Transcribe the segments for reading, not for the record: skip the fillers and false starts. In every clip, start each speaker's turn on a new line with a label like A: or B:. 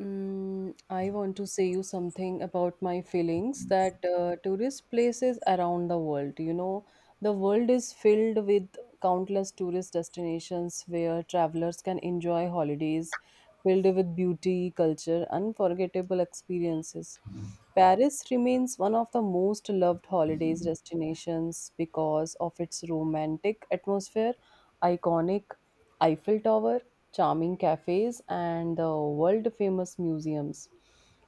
A: I want to say you something about my feelings that tourist places around the world, the world is filled with countless tourist destinations where travelers can enjoy holidays filled with beauty, culture, unforgettable experiences. Paris remains one of the most loved holidays destinations because of its romantic atmosphere, iconic Eiffel Tower, charming cafes, and the world famous museums.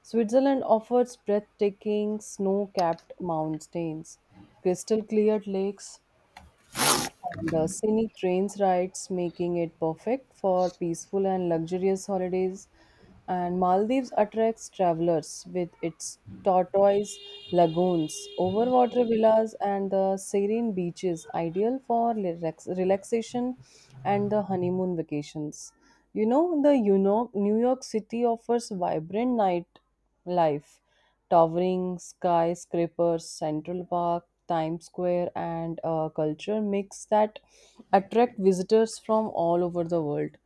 A: Switzerland offers breathtaking snow capped mountains, crystal clear lakes, and scenic trains rides, making it perfect for peaceful and luxurious holidays. And Maldives attracts travelers with its tortoise lagoons, overwater villas, and the serene beaches, ideal for relaxation and the honeymoon vacations. You know, the New York City offers vibrant night life towering skyscrapers, Central Park, Times Square, and a culture mix that attract visitors from all over the world.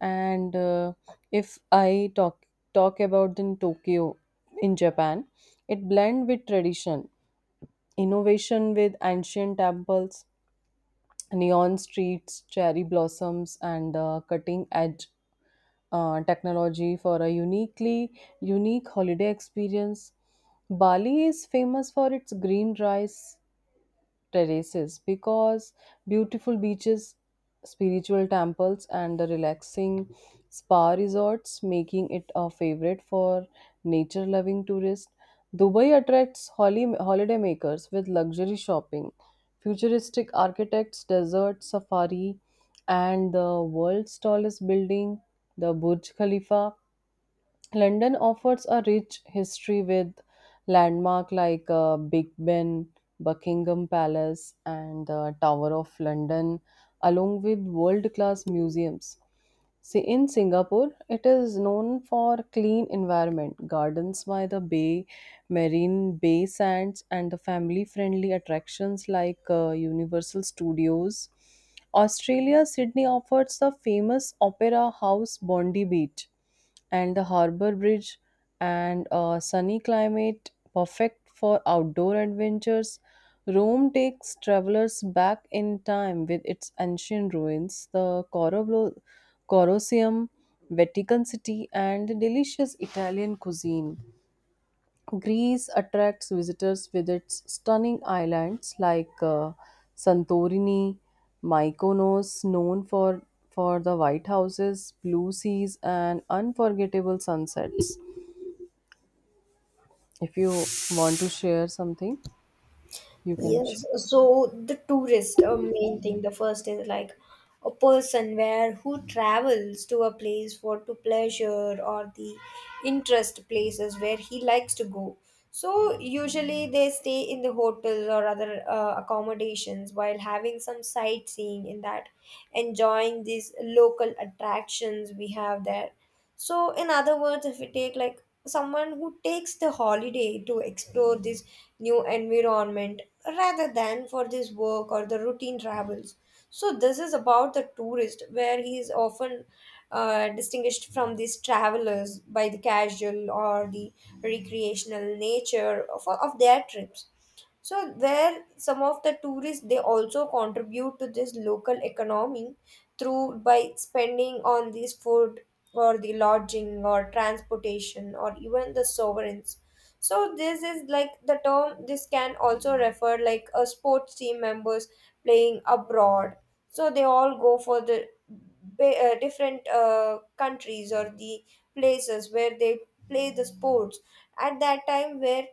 A: And If I talk about in Tokyo, in Japan, it blend with tradition, innovation with ancient temples, neon streets, cherry blossoms, and cutting edge technology for a unique holiday experience. Bali is famous for its green rice, terraces because beautiful beaches, spiritual temples, and the relaxing spa resorts, making it a favorite for nature loving tourists. Dubai attracts holidaymakers with luxury shopping, futuristic architects, desert safari, and the world's tallest building, the Burj Khalifa. London offers a rich history with landmark like Big Ben, Buckingham Palace, and the Tower of London, along with world-class museums. See, in Singapore, it is known for clean environment, gardens by the bay, marine bay sands, and the family friendly attractions like Universal Studios. Australia, Sydney offers the famous Opera House Bondi Beach and the Harbour Bridge, and a sunny climate perfect for outdoor adventures. Rome takes travelers back in time with its ancient ruins, the Colosseum, Vatican City, and the delicious Italian cuisine. Greece attracts visitors with its stunning islands like Santorini, Mykonos, known for the white houses, blue seas, and unforgettable sunsets. If you want to share something, you can. Share.
B: Yes, so the tourist a main thing, the first is like a person where who travels to a place for to pleasure or the interest places where he likes to go. So usually they stay in the hotel or other accommodations while having some sightseeing in that, enjoying these local attractions we have there. So, in other words, if we take like someone who takes the holiday to explore this new environment rather than for this work or the routine travels. So, this is about the tourist where he is often distinguished from these travelers by the casual or the recreational nature of their trips. So there, some of the tourists they also contribute to this local economy through by spending on these food or the lodging or transportation or even the sovereigns. So this is like the term. This can also refer like a sports team members playing abroad. So they all go for the different countries or the places where they play the sports at that time where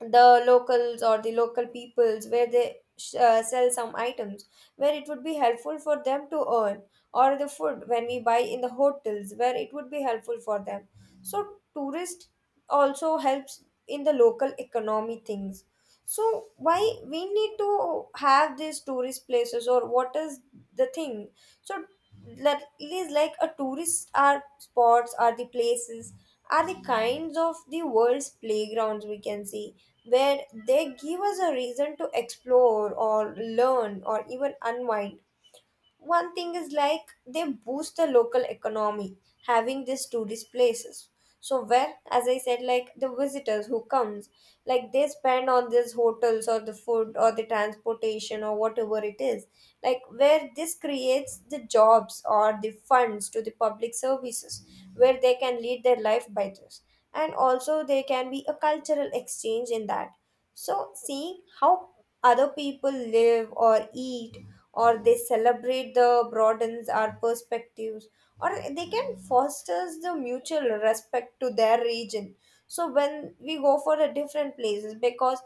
B: the locals or the local peoples where they sell some items where it would be helpful for them to earn or the food when we buy in the hotels where it would be helpful for them, so tourist also helps in the local economy things. So why we need to have these tourist places or what is the thing? So that it is like a tourist are spots are the places are the kinds of the world's playgrounds we can see where they give us a reason to explore or learn or even unwind. One thing is like they boost the local economy having these tourist places. So where, as I said, like the visitors who comes, like they spend on these hotels or the food or the transportation or whatever it is, like where this creates the jobs or the funds to the public services where they can lead their life by this. And also there can be a cultural exchange in that. So, seeing how other people live or eat or they celebrate the broadens our perspectives, or they can fosters the mutual respect to their region. So when we go for the different places, because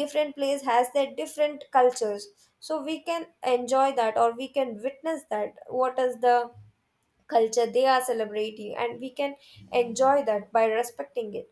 B: different place has their different cultures, so we can enjoy that or we can witness that what is the culture they are celebrating and we can enjoy that by respecting it.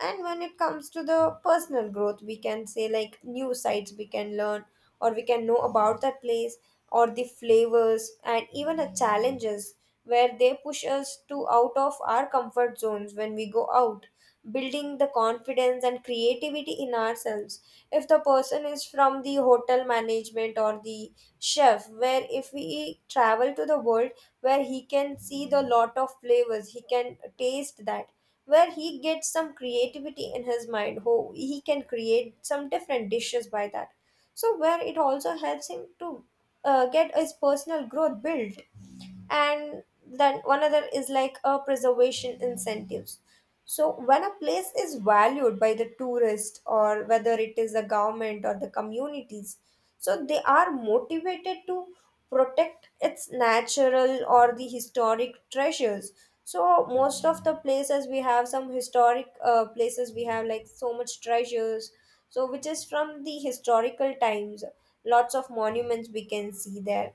B: And when it comes to the personal growth, we can say like new sites we can learn or we can know about that place or the flavors and even the challenges where they push us to out of our comfort zones when we go out, building the confidence and creativity in ourselves. If the person is from the hotel management or the chef, where if we travel to the world, where he can see the lot of flavors, he can taste that, where he gets some creativity in his mind, who he can create some different dishes by that. So where it also helps him to get his personal growth built. And then one other is like a preservation incentives. So, when a place is valued by the tourist, or whether it is the government or the communities, so they are motivated to protect its natural or the historic treasures. So, most of the places we have some historic places, we have like so much treasures, so which is from the historical times. Lots of monuments we can see there.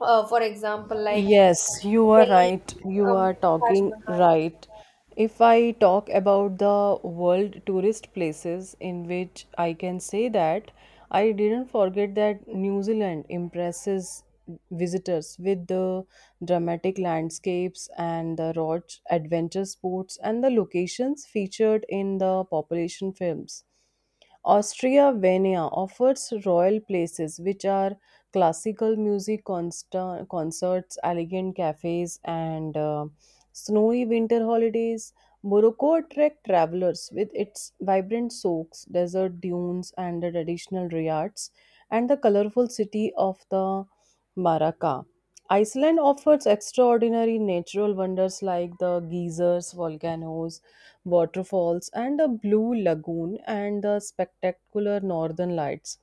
B: For example, like
A: Yes, you are
B: Delhi,
A: right. You
B: um,
A: are
B: Taj
A: talking
B: Mahal.
A: right. If I talk about the world tourist places, in which I can say that I didn't forget that New Zealand impresses visitors with the dramatic landscapes and the raw adventure sports and the locations featured in the population films. Austria Vienna offers royal places, which are classical music concerts, elegant cafes, and snowy winter holidays. Morocco attracts travelers with its vibrant souks, desert dunes, and the traditional riads, and the colorful city of the Maraka. Iceland offers extraordinary natural wonders like the geysers, volcanoes, waterfalls and a blue lagoon and the spectacular northern lights.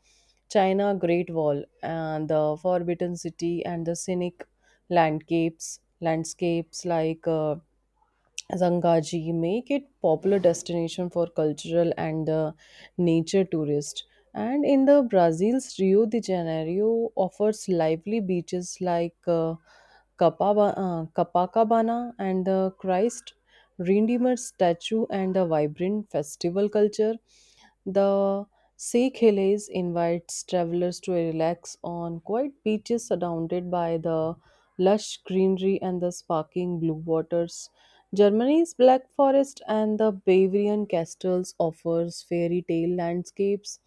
A: China great wall and the forbidden city and the scenic landscapes landscapes like zangaji make it popular destination for cultural and nature tourists and in the Brazil's Rio de Janeiro offers lively beaches like Kapaba, Copacabana and the Christ Redeemer statue and the vibrant festival culture, the Sikh Hillays invites travelers to relax on quiet beaches surrounded by the lush greenery and the sparkling blue waters. Germany's Black Forest and the Bavarian castles offers fairy tale landscapes,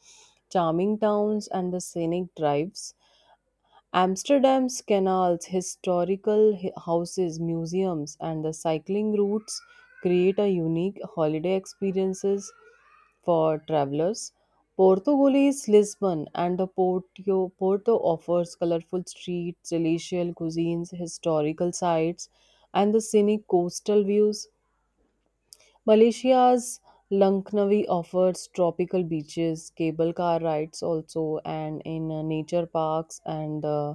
A: charming towns and the scenic drives. Amsterdam's canals, historical houses, museums, and the cycling routes create a unique holiday experiences for travelers. Portugal's Lisbon, and the Porto offers colorful streets, delicious cuisines, historical sites, and the scenic coastal views. Malaysia's Langkawi offers tropical beaches, cable car rides also, and in nature parks and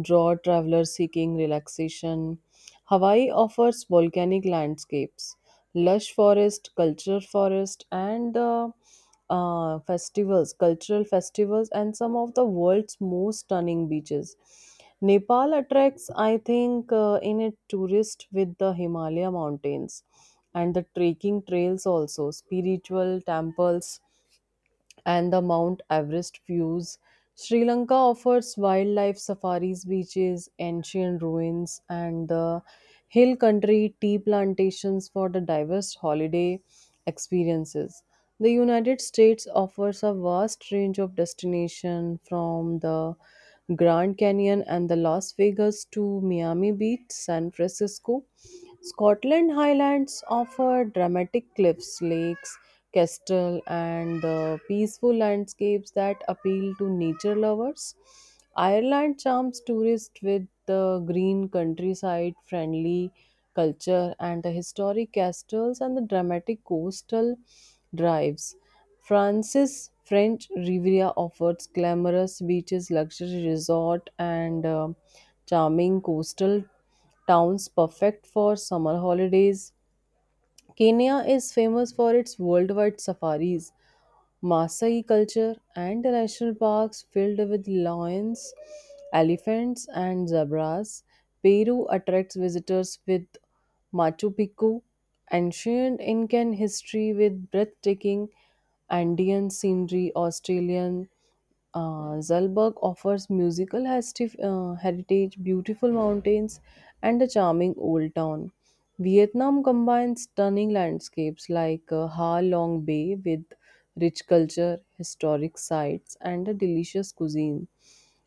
A: draw travelers seeking relaxation. Hawaii offers volcanic landscapes, lush forest, culture forest, and festivals, cultural festivals, and some of the world's most stunning beaches. Nepal attracts, I think, in a tourist with the Himalaya mountains and the trekking trails also spiritual temples and the Mount Everest views. Sri Lanka offers wildlife safaris, beaches, ancient ruins, and the hill country tea plantations for the diverse holiday experiences. The United States offers a vast range of destinations from the Grand Canyon and the Las Vegas to Miami Beach, San Francisco. Scotland Highlands offer dramatic cliffs, lakes, Kestrel, and the peaceful landscapes that appeal to nature lovers. Ireland charms tourists with the green countryside, friendly culture, and the historic castles and the dramatic coastal drives. France's French Riviera offers glamorous beaches, luxury resort, and charming coastal towns perfect for summer holidays. Kenya is famous for its worldwide safaris, Maasai culture, and national parks filled with lions, elephants, and zebras. Peru attracts visitors with Machu Picchu, ancient Incan history with breathtaking Andean scenery, Australian Zalberg offers musical heritage, beautiful mountains, and a charming old town. Vietnam combines stunning landscapes like Ha Long Bay with rich culture, historic sites, and a delicious cuisine.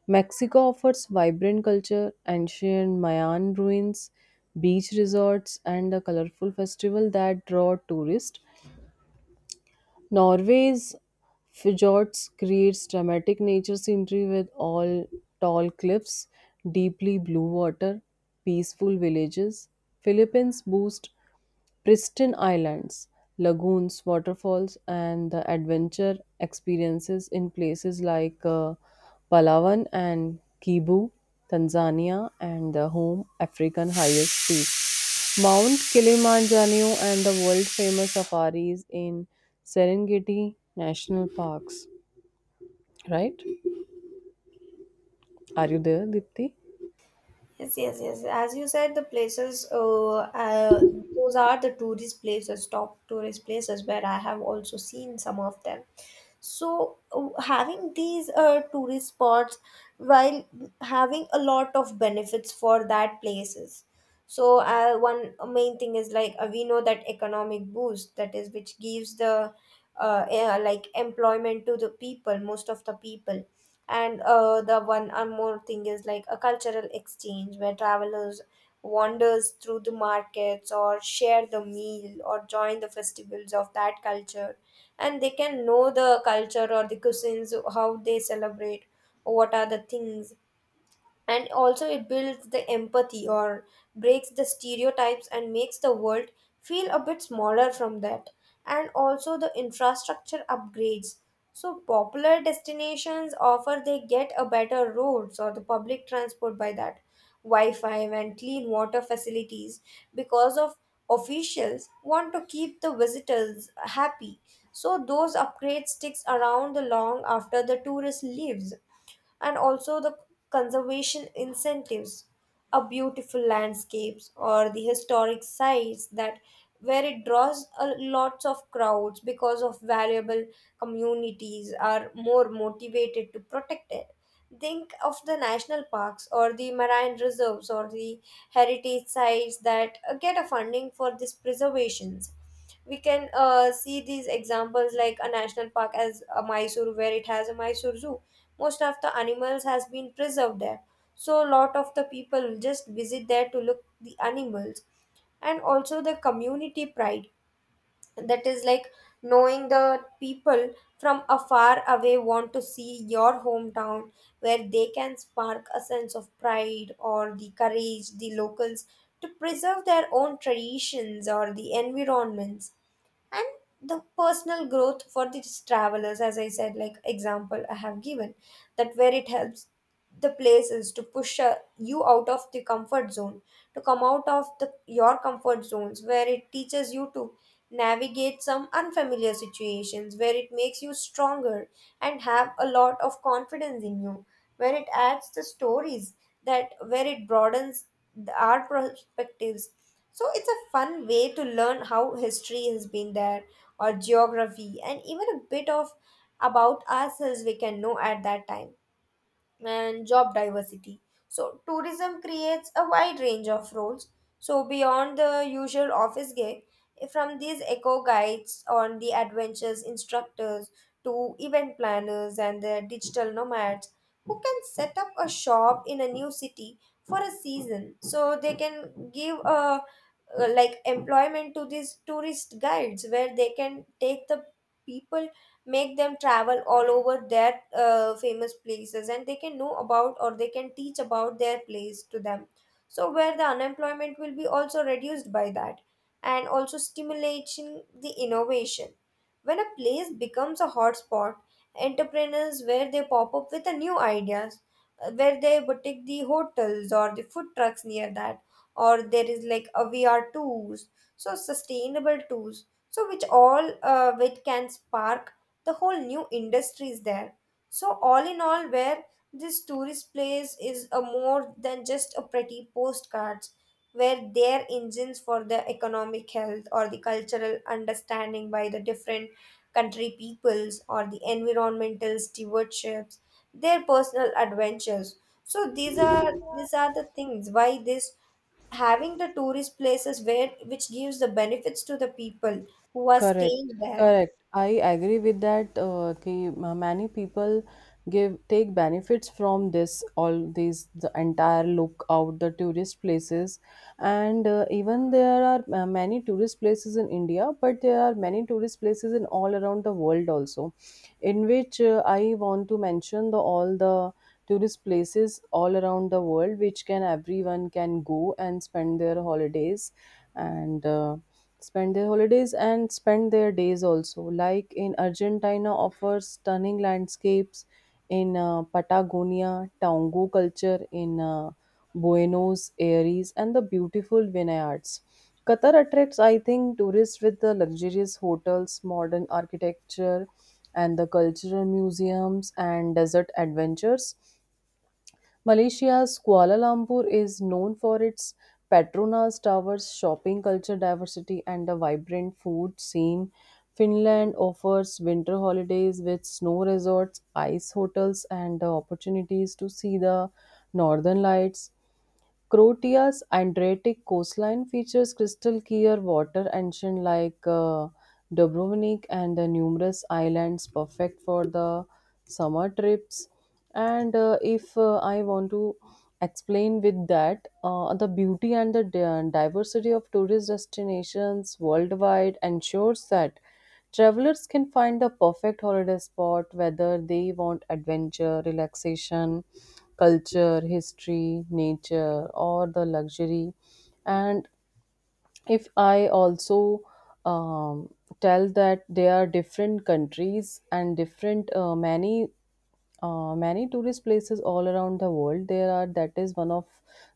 A: Mexico offers vibrant culture, ancient Mayan ruins, beach resorts, and a colorful festival that draw tourists. Norway's fjords creates dramatic nature scenery with all tall cliffs, deeply blue water, peaceful villages. Philippines boast pristine islands, lagoons, waterfalls, and the adventure experiences in places like Palawan and Kibu, Tanzania, and the home African highest peak. Mount Kilimanjaro and the world famous safaris in Serengeti National Parks, right? Are you there, Dipti?
B: Yes, yes, yes. As you said, the places, uh, those are the tourist places, top tourist places where I have also seen some of them. So, having these tourist spots, while having a lot of benefits for that places. So one main thing is like we know that economic boost, that is which gives the like employment to the people, most of the people. And the one or more thing is like a cultural exchange, where travelers wanders through the markets or share the meal or join the festivals of that culture, and they can know the culture or the cuisines how they celebrate, what are the things. And also it builds the empathy or breaks the stereotypes and makes the world feel a bit smaller from that. And also the infrastructure upgrades, so popular destinations offer they get a better roads or the public transport by that, wi-fi and clean water facilities, because of officials want to keep the visitors happy. So those upgrades sticks around the long after the tourist leaves. And also the conservation incentives, a beautiful landscapes or the historic sites that where it draws a lots of crowds because of valuable, communities are more motivated to protect it. Think of the national parks or the marine reserves or the heritage sites that get a funding for these preservations. We can see these examples like a national park as a Mysore, where it has a Mysore zoo. Most of the animals has been preserved there. So a lot of the people just visit there to look the animals. And also the community pride, that is like knowing the people from afar away want to see your hometown, where they can spark a sense of pride or the courage the locals to preserve their own traditions or the environments. And the personal growth for these travelers, as I said, like example I have given, that where it helps the place is to push you out of the comfort zone, to come out of the your comfort zones, where it teaches you to navigate some unfamiliar situations, where it makes you stronger and have a lot of confidence in you, where it adds the stories, that where it broadens our perspectives. So it's a fun way to learn how history has been there, or geography, and even a bit of about ourselves we can know at that time. And job diversity. So, tourism creates a wide range of roles. So, beyond the usual office gig, from these eco guides on the adventures instructors to event planners and the digital nomads who can set up a shop in a new city for a season. So, they can give a like employment to these tourist guides, where they can take the people, make them travel all over their famous places, and they can know about or they can teach about their place to them. So where the unemployment will be also reduced by that. And also stimulating the innovation, when a place becomes a hotspot, entrepreneurs where they pop up with the new ideas, where they would take the hotels or the food trucks near that, or there is like a vr tools, so sustainable tools, so which all which can spark the whole new industry is there. So all in all where this tourist place is a more than just a pretty postcards, where their engines for the economic health or the cultural understanding by the different country peoples or the environmental stewardships, their personal adventures. So these are the things, why this having the tourist places where which gives the benefits to the people who are
A: Correct,
B: staying there.
A: correct. I agree with that. कि many people give take benefits from this all these the entire look out the tourist places, and even there are many tourist places in India, but there are many tourist places in all around the world also, in which I want to mention the all the tourist places all around the world which can everyone can go and spend their holidays and. Spend their holidays and spend their days also. Like in Argentina, offers stunning landscapes in Patagonia, Tango culture in Buenos Aires, and the beautiful vineyards. Qatar attracts, I think, tourists with the luxurious hotels, modern architecture, and the cultural museums and desert adventures. Malaysia's Kuala Lumpur is known for its Petronas Towers, shopping culture diversity, and a vibrant food scene. Finland offers winter holidays with snow resorts, ice hotels, and the opportunities to see the northern lights. Croatia's Adriatic coastline features crystal clear water, ancient like Dubrovnik, and the numerous islands perfect for the summer trips. And If I want to explain with that, the beauty and the diversity of tourist destinations worldwide ensures that travelers can find the perfect holiday spot whether they want adventure, relaxation, culture, history, nature, or the luxury. And if I also um, tell that there are different countries and different many tourist places all around the world there are that is one of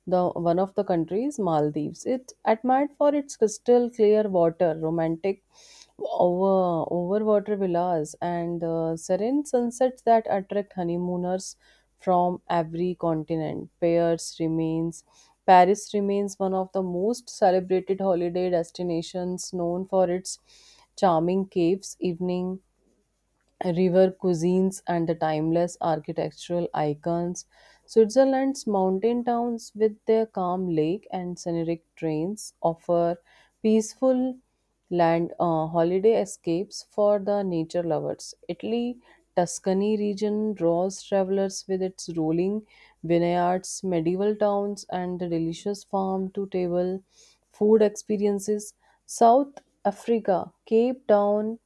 A: the one of the countries Maldives it admired for its crystal clear water romantic overwater villas and serene sunsets that attract honeymooners from every continent. Paris remains one of the most celebrated holiday destinations known for its charming caves evening river cuisines and the timeless architectural icons. Switzerland's mountain towns, with their calm lake and scenic trains, offer peaceful land holiday escapes for the nature lovers. Italy, Tuscany region draws travelers with its rolling vineyards, medieval towns, and the delicious farm to table food experiences. South Africa, Cape Town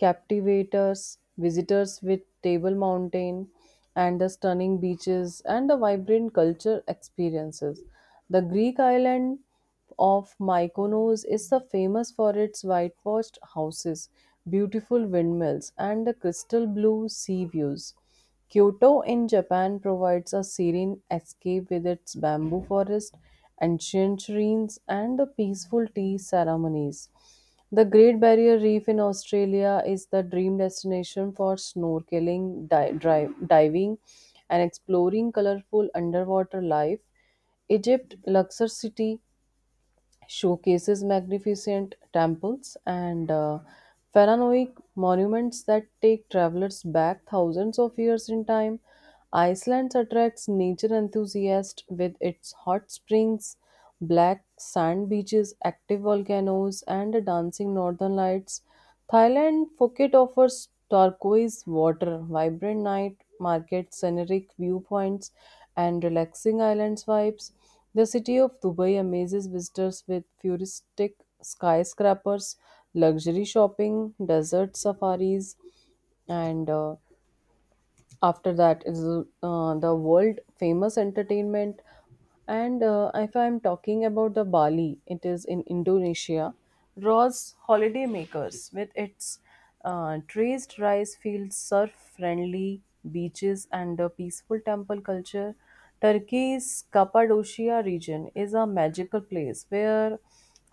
A: captivators visitors with table mountain and the stunning beaches and the vibrant culture experiences. The Greek island of Mykonos is the famous for its whitewashed houses, beautiful windmills and the crystal blue sea views. Kyoto in Japan provides a serene escape with its bamboo forest, ancient shrines, and the peaceful tea ceremonies. The Great Barrier Reef in Australia is the dream destination for snorkeling, diving, and exploring colorful underwater life. Egypt, Luxor City, showcases magnificent temples and pharaonic monuments that take travelers back thousands of years in time. Iceland attracts nature enthusiasts with its hot springs, black sand beaches, active volcanoes, and dancing northern lights. Thailand Phuket offers turquoise water, vibrant night markets, scenic viewpoints, and relaxing islands vibes. The city of Dubai amazes visitors with futuristic skyscrapers, luxury shopping, desert safaris, and after that is the world famous entertainment. And If I'm talking about the Bali, it is in Indonesia, draws holidaymakers with its traced rice fields surf friendly beaches and a peaceful temple culture. Turkey's Cappadocia region is a magical place where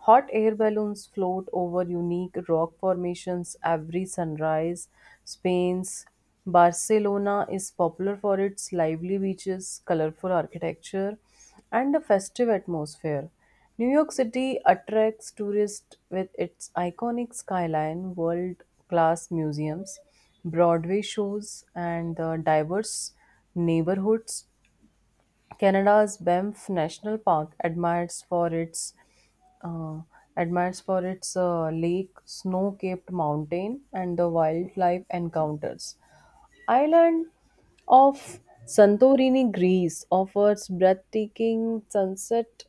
A: hot air balloons float over unique rock formations every sunrise. Spain's Barcelona is popular for its lively beaches, colorful architecture, and a festive atmosphere. New York City attracts tourists with its iconic skyline, world class museums, Broadway shows, and the diverse neighborhoods. Canada's Banff National Park uh, admires for its lake, snow-capped mountain, and the wildlife encounters island of Santorini, Greece offers breathtaking sunset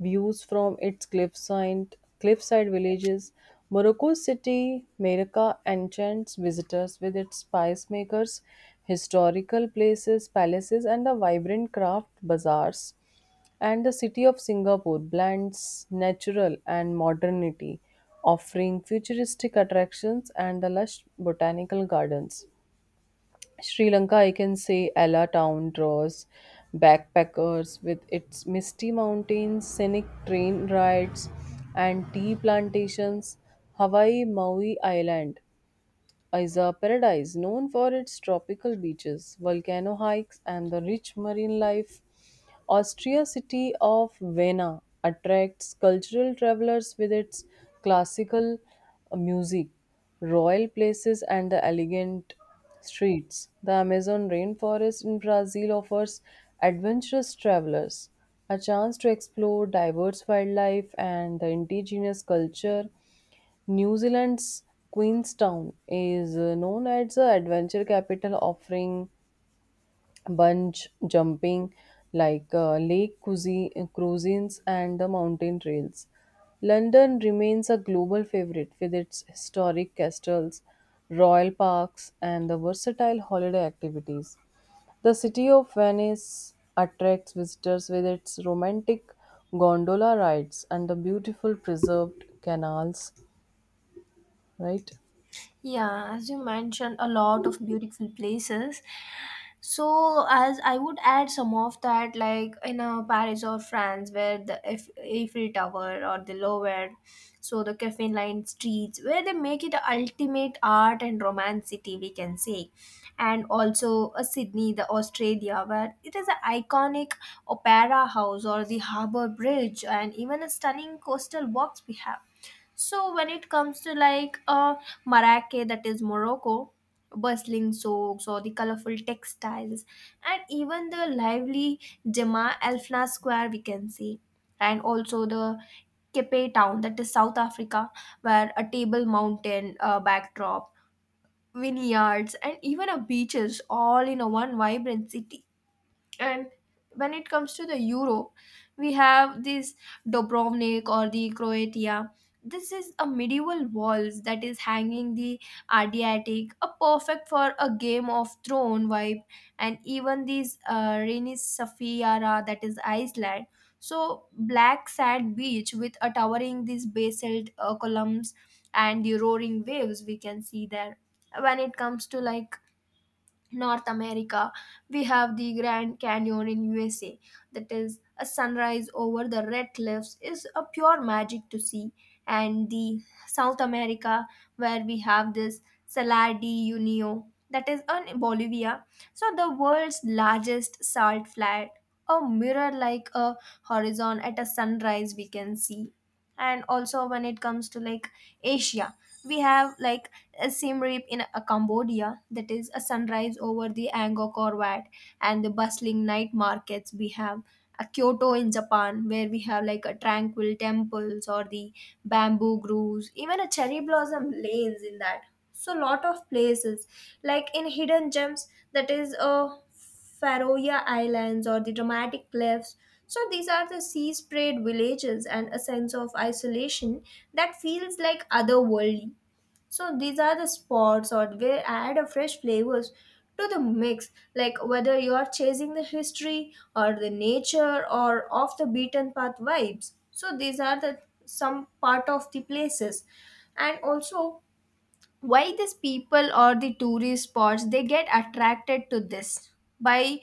A: views from its cliffside villages. Morocco's city Meraka enchants visitors with its spice makers, historical places, palaces, and the vibrant craft bazaars. And the city of Singapore blends natural and modernity, offering futuristic attractions and the lush botanical gardens. Sri Lanka, I can say Ella Town draws backpackers with its misty mountains, scenic train rides, and tea plantations. Hawaii, Maui Island is a paradise known for its tropical beaches, volcano hikes, and the rich marine life. Austria city of Vienna attracts cultural travelers with its classical music, royal places, and the elegant streets. The Amazon rainforest in Brazil offers adventurous travelers a chance to explore diverse wildlife and the indigenous culture. New Zealand's Queenstown is known as the adventure capital, offering bunch jumping, lake cuisine, cuisines and the mountain trails. London remains a global favorite with its historic castles, royal parks, and the versatile holiday activities. The city of Venice attracts visitors with its romantic gondola rides and the beautiful preserved canals, right?
B: Yeah, as you mentioned, a lot of beautiful places. So, as I would add some of that, like in Paris or France, where the Eiffel Tower or the Louvre, so the caffeine lined streets, where they make it a ultimate art and romance city, we can say. And also Sydney, the Australia, where it is an iconic opera house or the harbour bridge, and even a stunning coastal walks we have. So when it comes to like Marrakech, that is Morocco, bustling souks or the colorful textiles, and even the lively Jama Elfna Square we can see. And also the Cape Town, that is South Africa, where a table mountain backdrop, vineyards, and even a beaches all in a one vibrant city. And when it comes to the euro, we have this Dubrovnik or the Croatia. This is a medieval walls that is hanging the Adriatic, a perfect for a Game of Throne vibe, and even this rainy Safiara, that is Iceland. So black sand beach with a towering these basalt columns and the roaring waves we can see there. When it comes to like North America, we have the Grand Canyon in USA. That is a sunrise over the red cliffs is a pure magic to see. And the South America, where we have this Salar de Unio, that is in Bolivia. So the world's largest salt flat, a mirror like a horizon at a sunrise we can see. And also when it comes to like Asia, we have like a Siem Reap in Cambodia, that is a sunrise over the Angkor Wat and the bustling night markets we have. A Kyoto in Japan, where we have like a tranquil temples or the bamboo groves, even a cherry blossom lanes in that. So lot of places like in hidden gems, that is a Faroe Islands or the dramatic cliffs. So these are the sea sprayed villages and a sense of isolation that feels like otherworldly. So these are the spots or where add a fresh flavors to the mix, like whether you are chasing the history or the nature or off the beaten path vibes. So these are the some part of the places. And also, why these people or the tourist spots they get attracted to this, by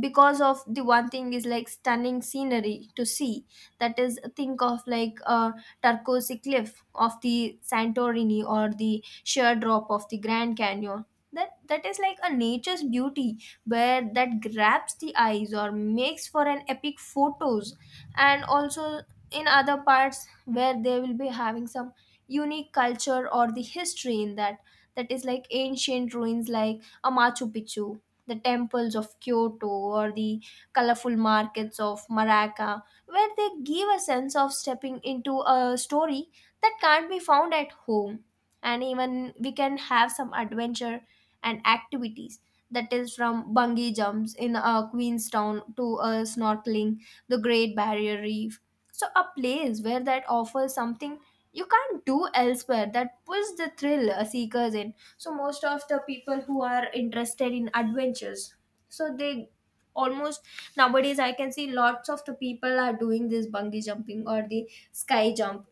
B: because of the one thing is like stunning scenery to see. That is think of like a turquoise cliff of the Santorini or the sheer drop of the Grand Canyon. That is like a nature's beauty, where that grabs the eyes or makes for an epic photos. And also in other parts where they will be having some unique culture or the history in that, that is like ancient ruins like a Machu Picchu, the temples of Kyoto, or the colorful markets of Maraca, where they give a sense of stepping into a story that can't be found at home. And even we can have some adventure and activities. That is from bungee jumps in Queenstown to snorkeling the Great Barrier Reef. So a place where that offers something you can't do elsewhere that pulls the thrill seekers in. So most of the people who are interested in adventures, so they almost nowadays I can see lots of the people are doing this bungee jumping or the sky jump.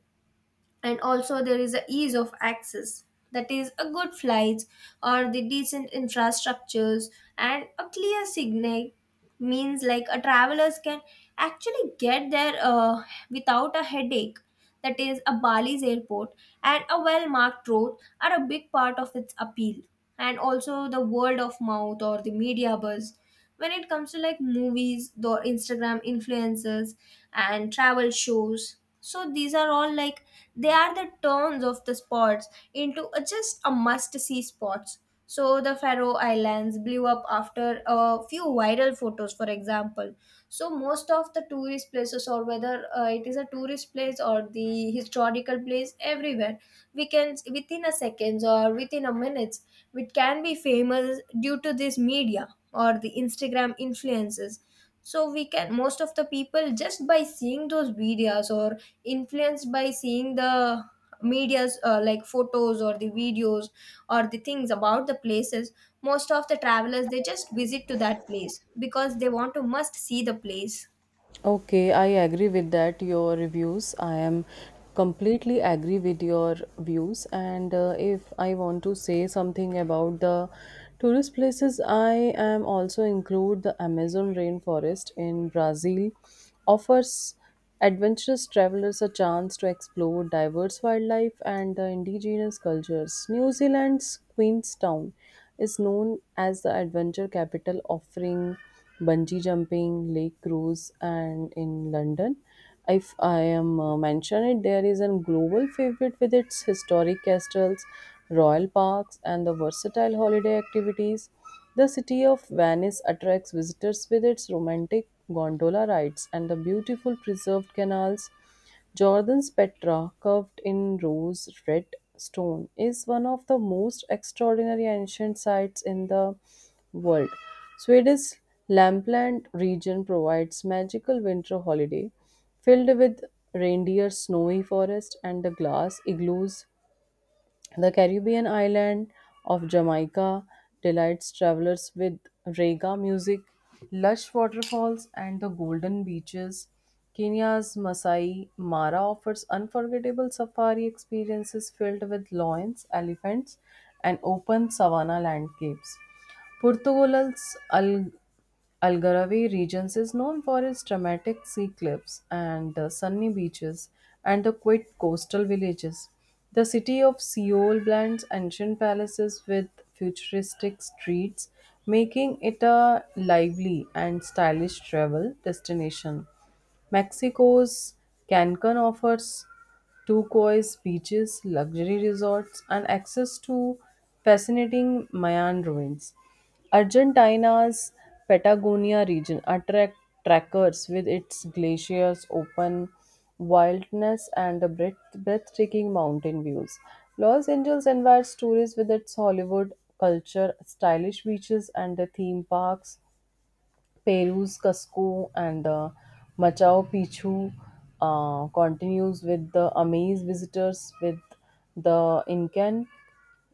B: And also there is a ease of access, that is a good flights or the decent infrastructures and a clear signal, means like a travelers can actually get there without a headache. That is a Bali's airport and a well marked road are a big part of its appeal. And also the word of mouth or the media buzz, when it comes to like movies, the Instagram influencers and travel shows, so these are all like they are the turns of the spots into a, just a must see spots. So the Faroe Islands blew up after a few viral photos, for example. So most of the tourist places, or whether it is a tourist place or the historical place, everywhere we can within a seconds or within a minutes, it can be famous due to this media or the Instagram influences. So we can most of the people just by seeing those videos or influenced by seeing the media's like photos or the videos or the things about the places, most of the travelers they just visit to that place because they want to must see the place.
A: Okay, I agree with that. Your reviews, I am completely agree with your views. And If I want to say something about the tourist places, I am also include the Amazon rainforest in Brazil offers adventurous travelers a chance to explore diverse wildlife and the indigenous cultures. New Zealand's Queenstown is known as the adventure capital, offering bungee jumping, lake cruise, and in London. If I am mention it, there is a global favorite with its historic castles, royal parks, and the versatile holiday activities. The city of Venice attracts visitors with its romantic gondola rides and the beautiful preserved canals. Jordan's Petra, carved in rose red stone, is one of the most extraordinary ancient sites in the world. Swedish Lampland region provides magical winter holiday filled with reindeer, snowy forest, and the glass igloos. The Caribbean island of Jamaica delights travelers with rega music, lush waterfalls, and the golden beaches. Kenya's Masai Mara offers unforgettable safari experiences filled with lions, elephants, and open savanna landscapes. Portugal's Algarve regions is known for its dramatic sea cliffs and sunny beaches and the quiet coastal villages. The city of Seoul blends ancient palaces with futuristic streets, making it a lively and stylish travel destination. Mexico's Cancun offers turquoise beaches, luxury resorts, and access to fascinating Mayan ruins. Argentina's Patagonia region attract trekkers with its glaciers, open wildness, and the breathtaking mountain views. Los Angeles invites tourists with its Hollywood culture, stylish beaches, and the theme parks. Peru's Cusco and Machu Picchu continues with the amaze visitors with the Incan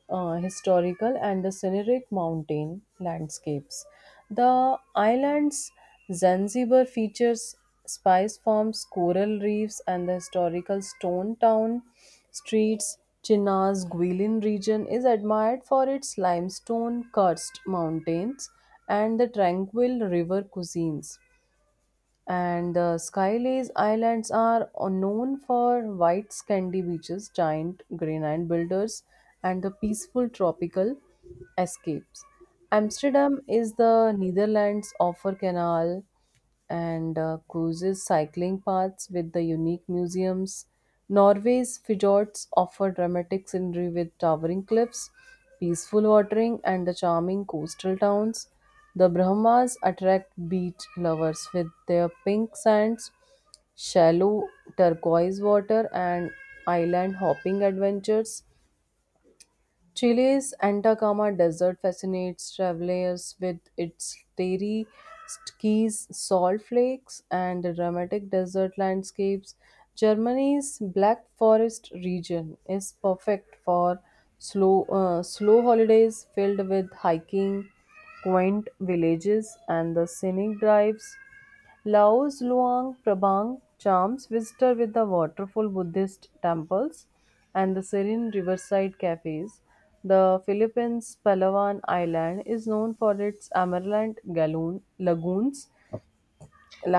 A: historical and the scenic mountain landscapes. The islands Zanzibar features spice farms, coral reefs, and the historical stone town streets. China's Guilin region is admired for its limestone karst mountains and the tranquil river cuisines. And the Skylace Islands are known for white sandy beaches, giant granite builders, and the peaceful tropical escapes. Amsterdam is the Netherlands offer canal, and cruises cycling paths with the unique museums. Norway's fjords offer dramatic scenery with towering cliffs, peaceful watering, and the charming coastal towns. The Brahmas attract beach lovers with their pink sands, shallow turquoise water, and island hopping adventures. Chile's Atacama Desert fascinates travelers with its starry skis, salt flakes, and dramatic desert landscapes. Germany's Black Forest region is perfect for slow holidays filled with hiking, quaint villages, and the scenic drives. Lao's Luang Prabang charms visitor with the waterfall Buddhist temples and the serene riverside cafes. The Philippines' Palawan Island is known for its lagoons,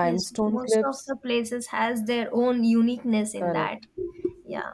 B: Yes, most of
A: cliffs.
B: the places has their own uniqueness in
A: Correct.
B: that. Yeah.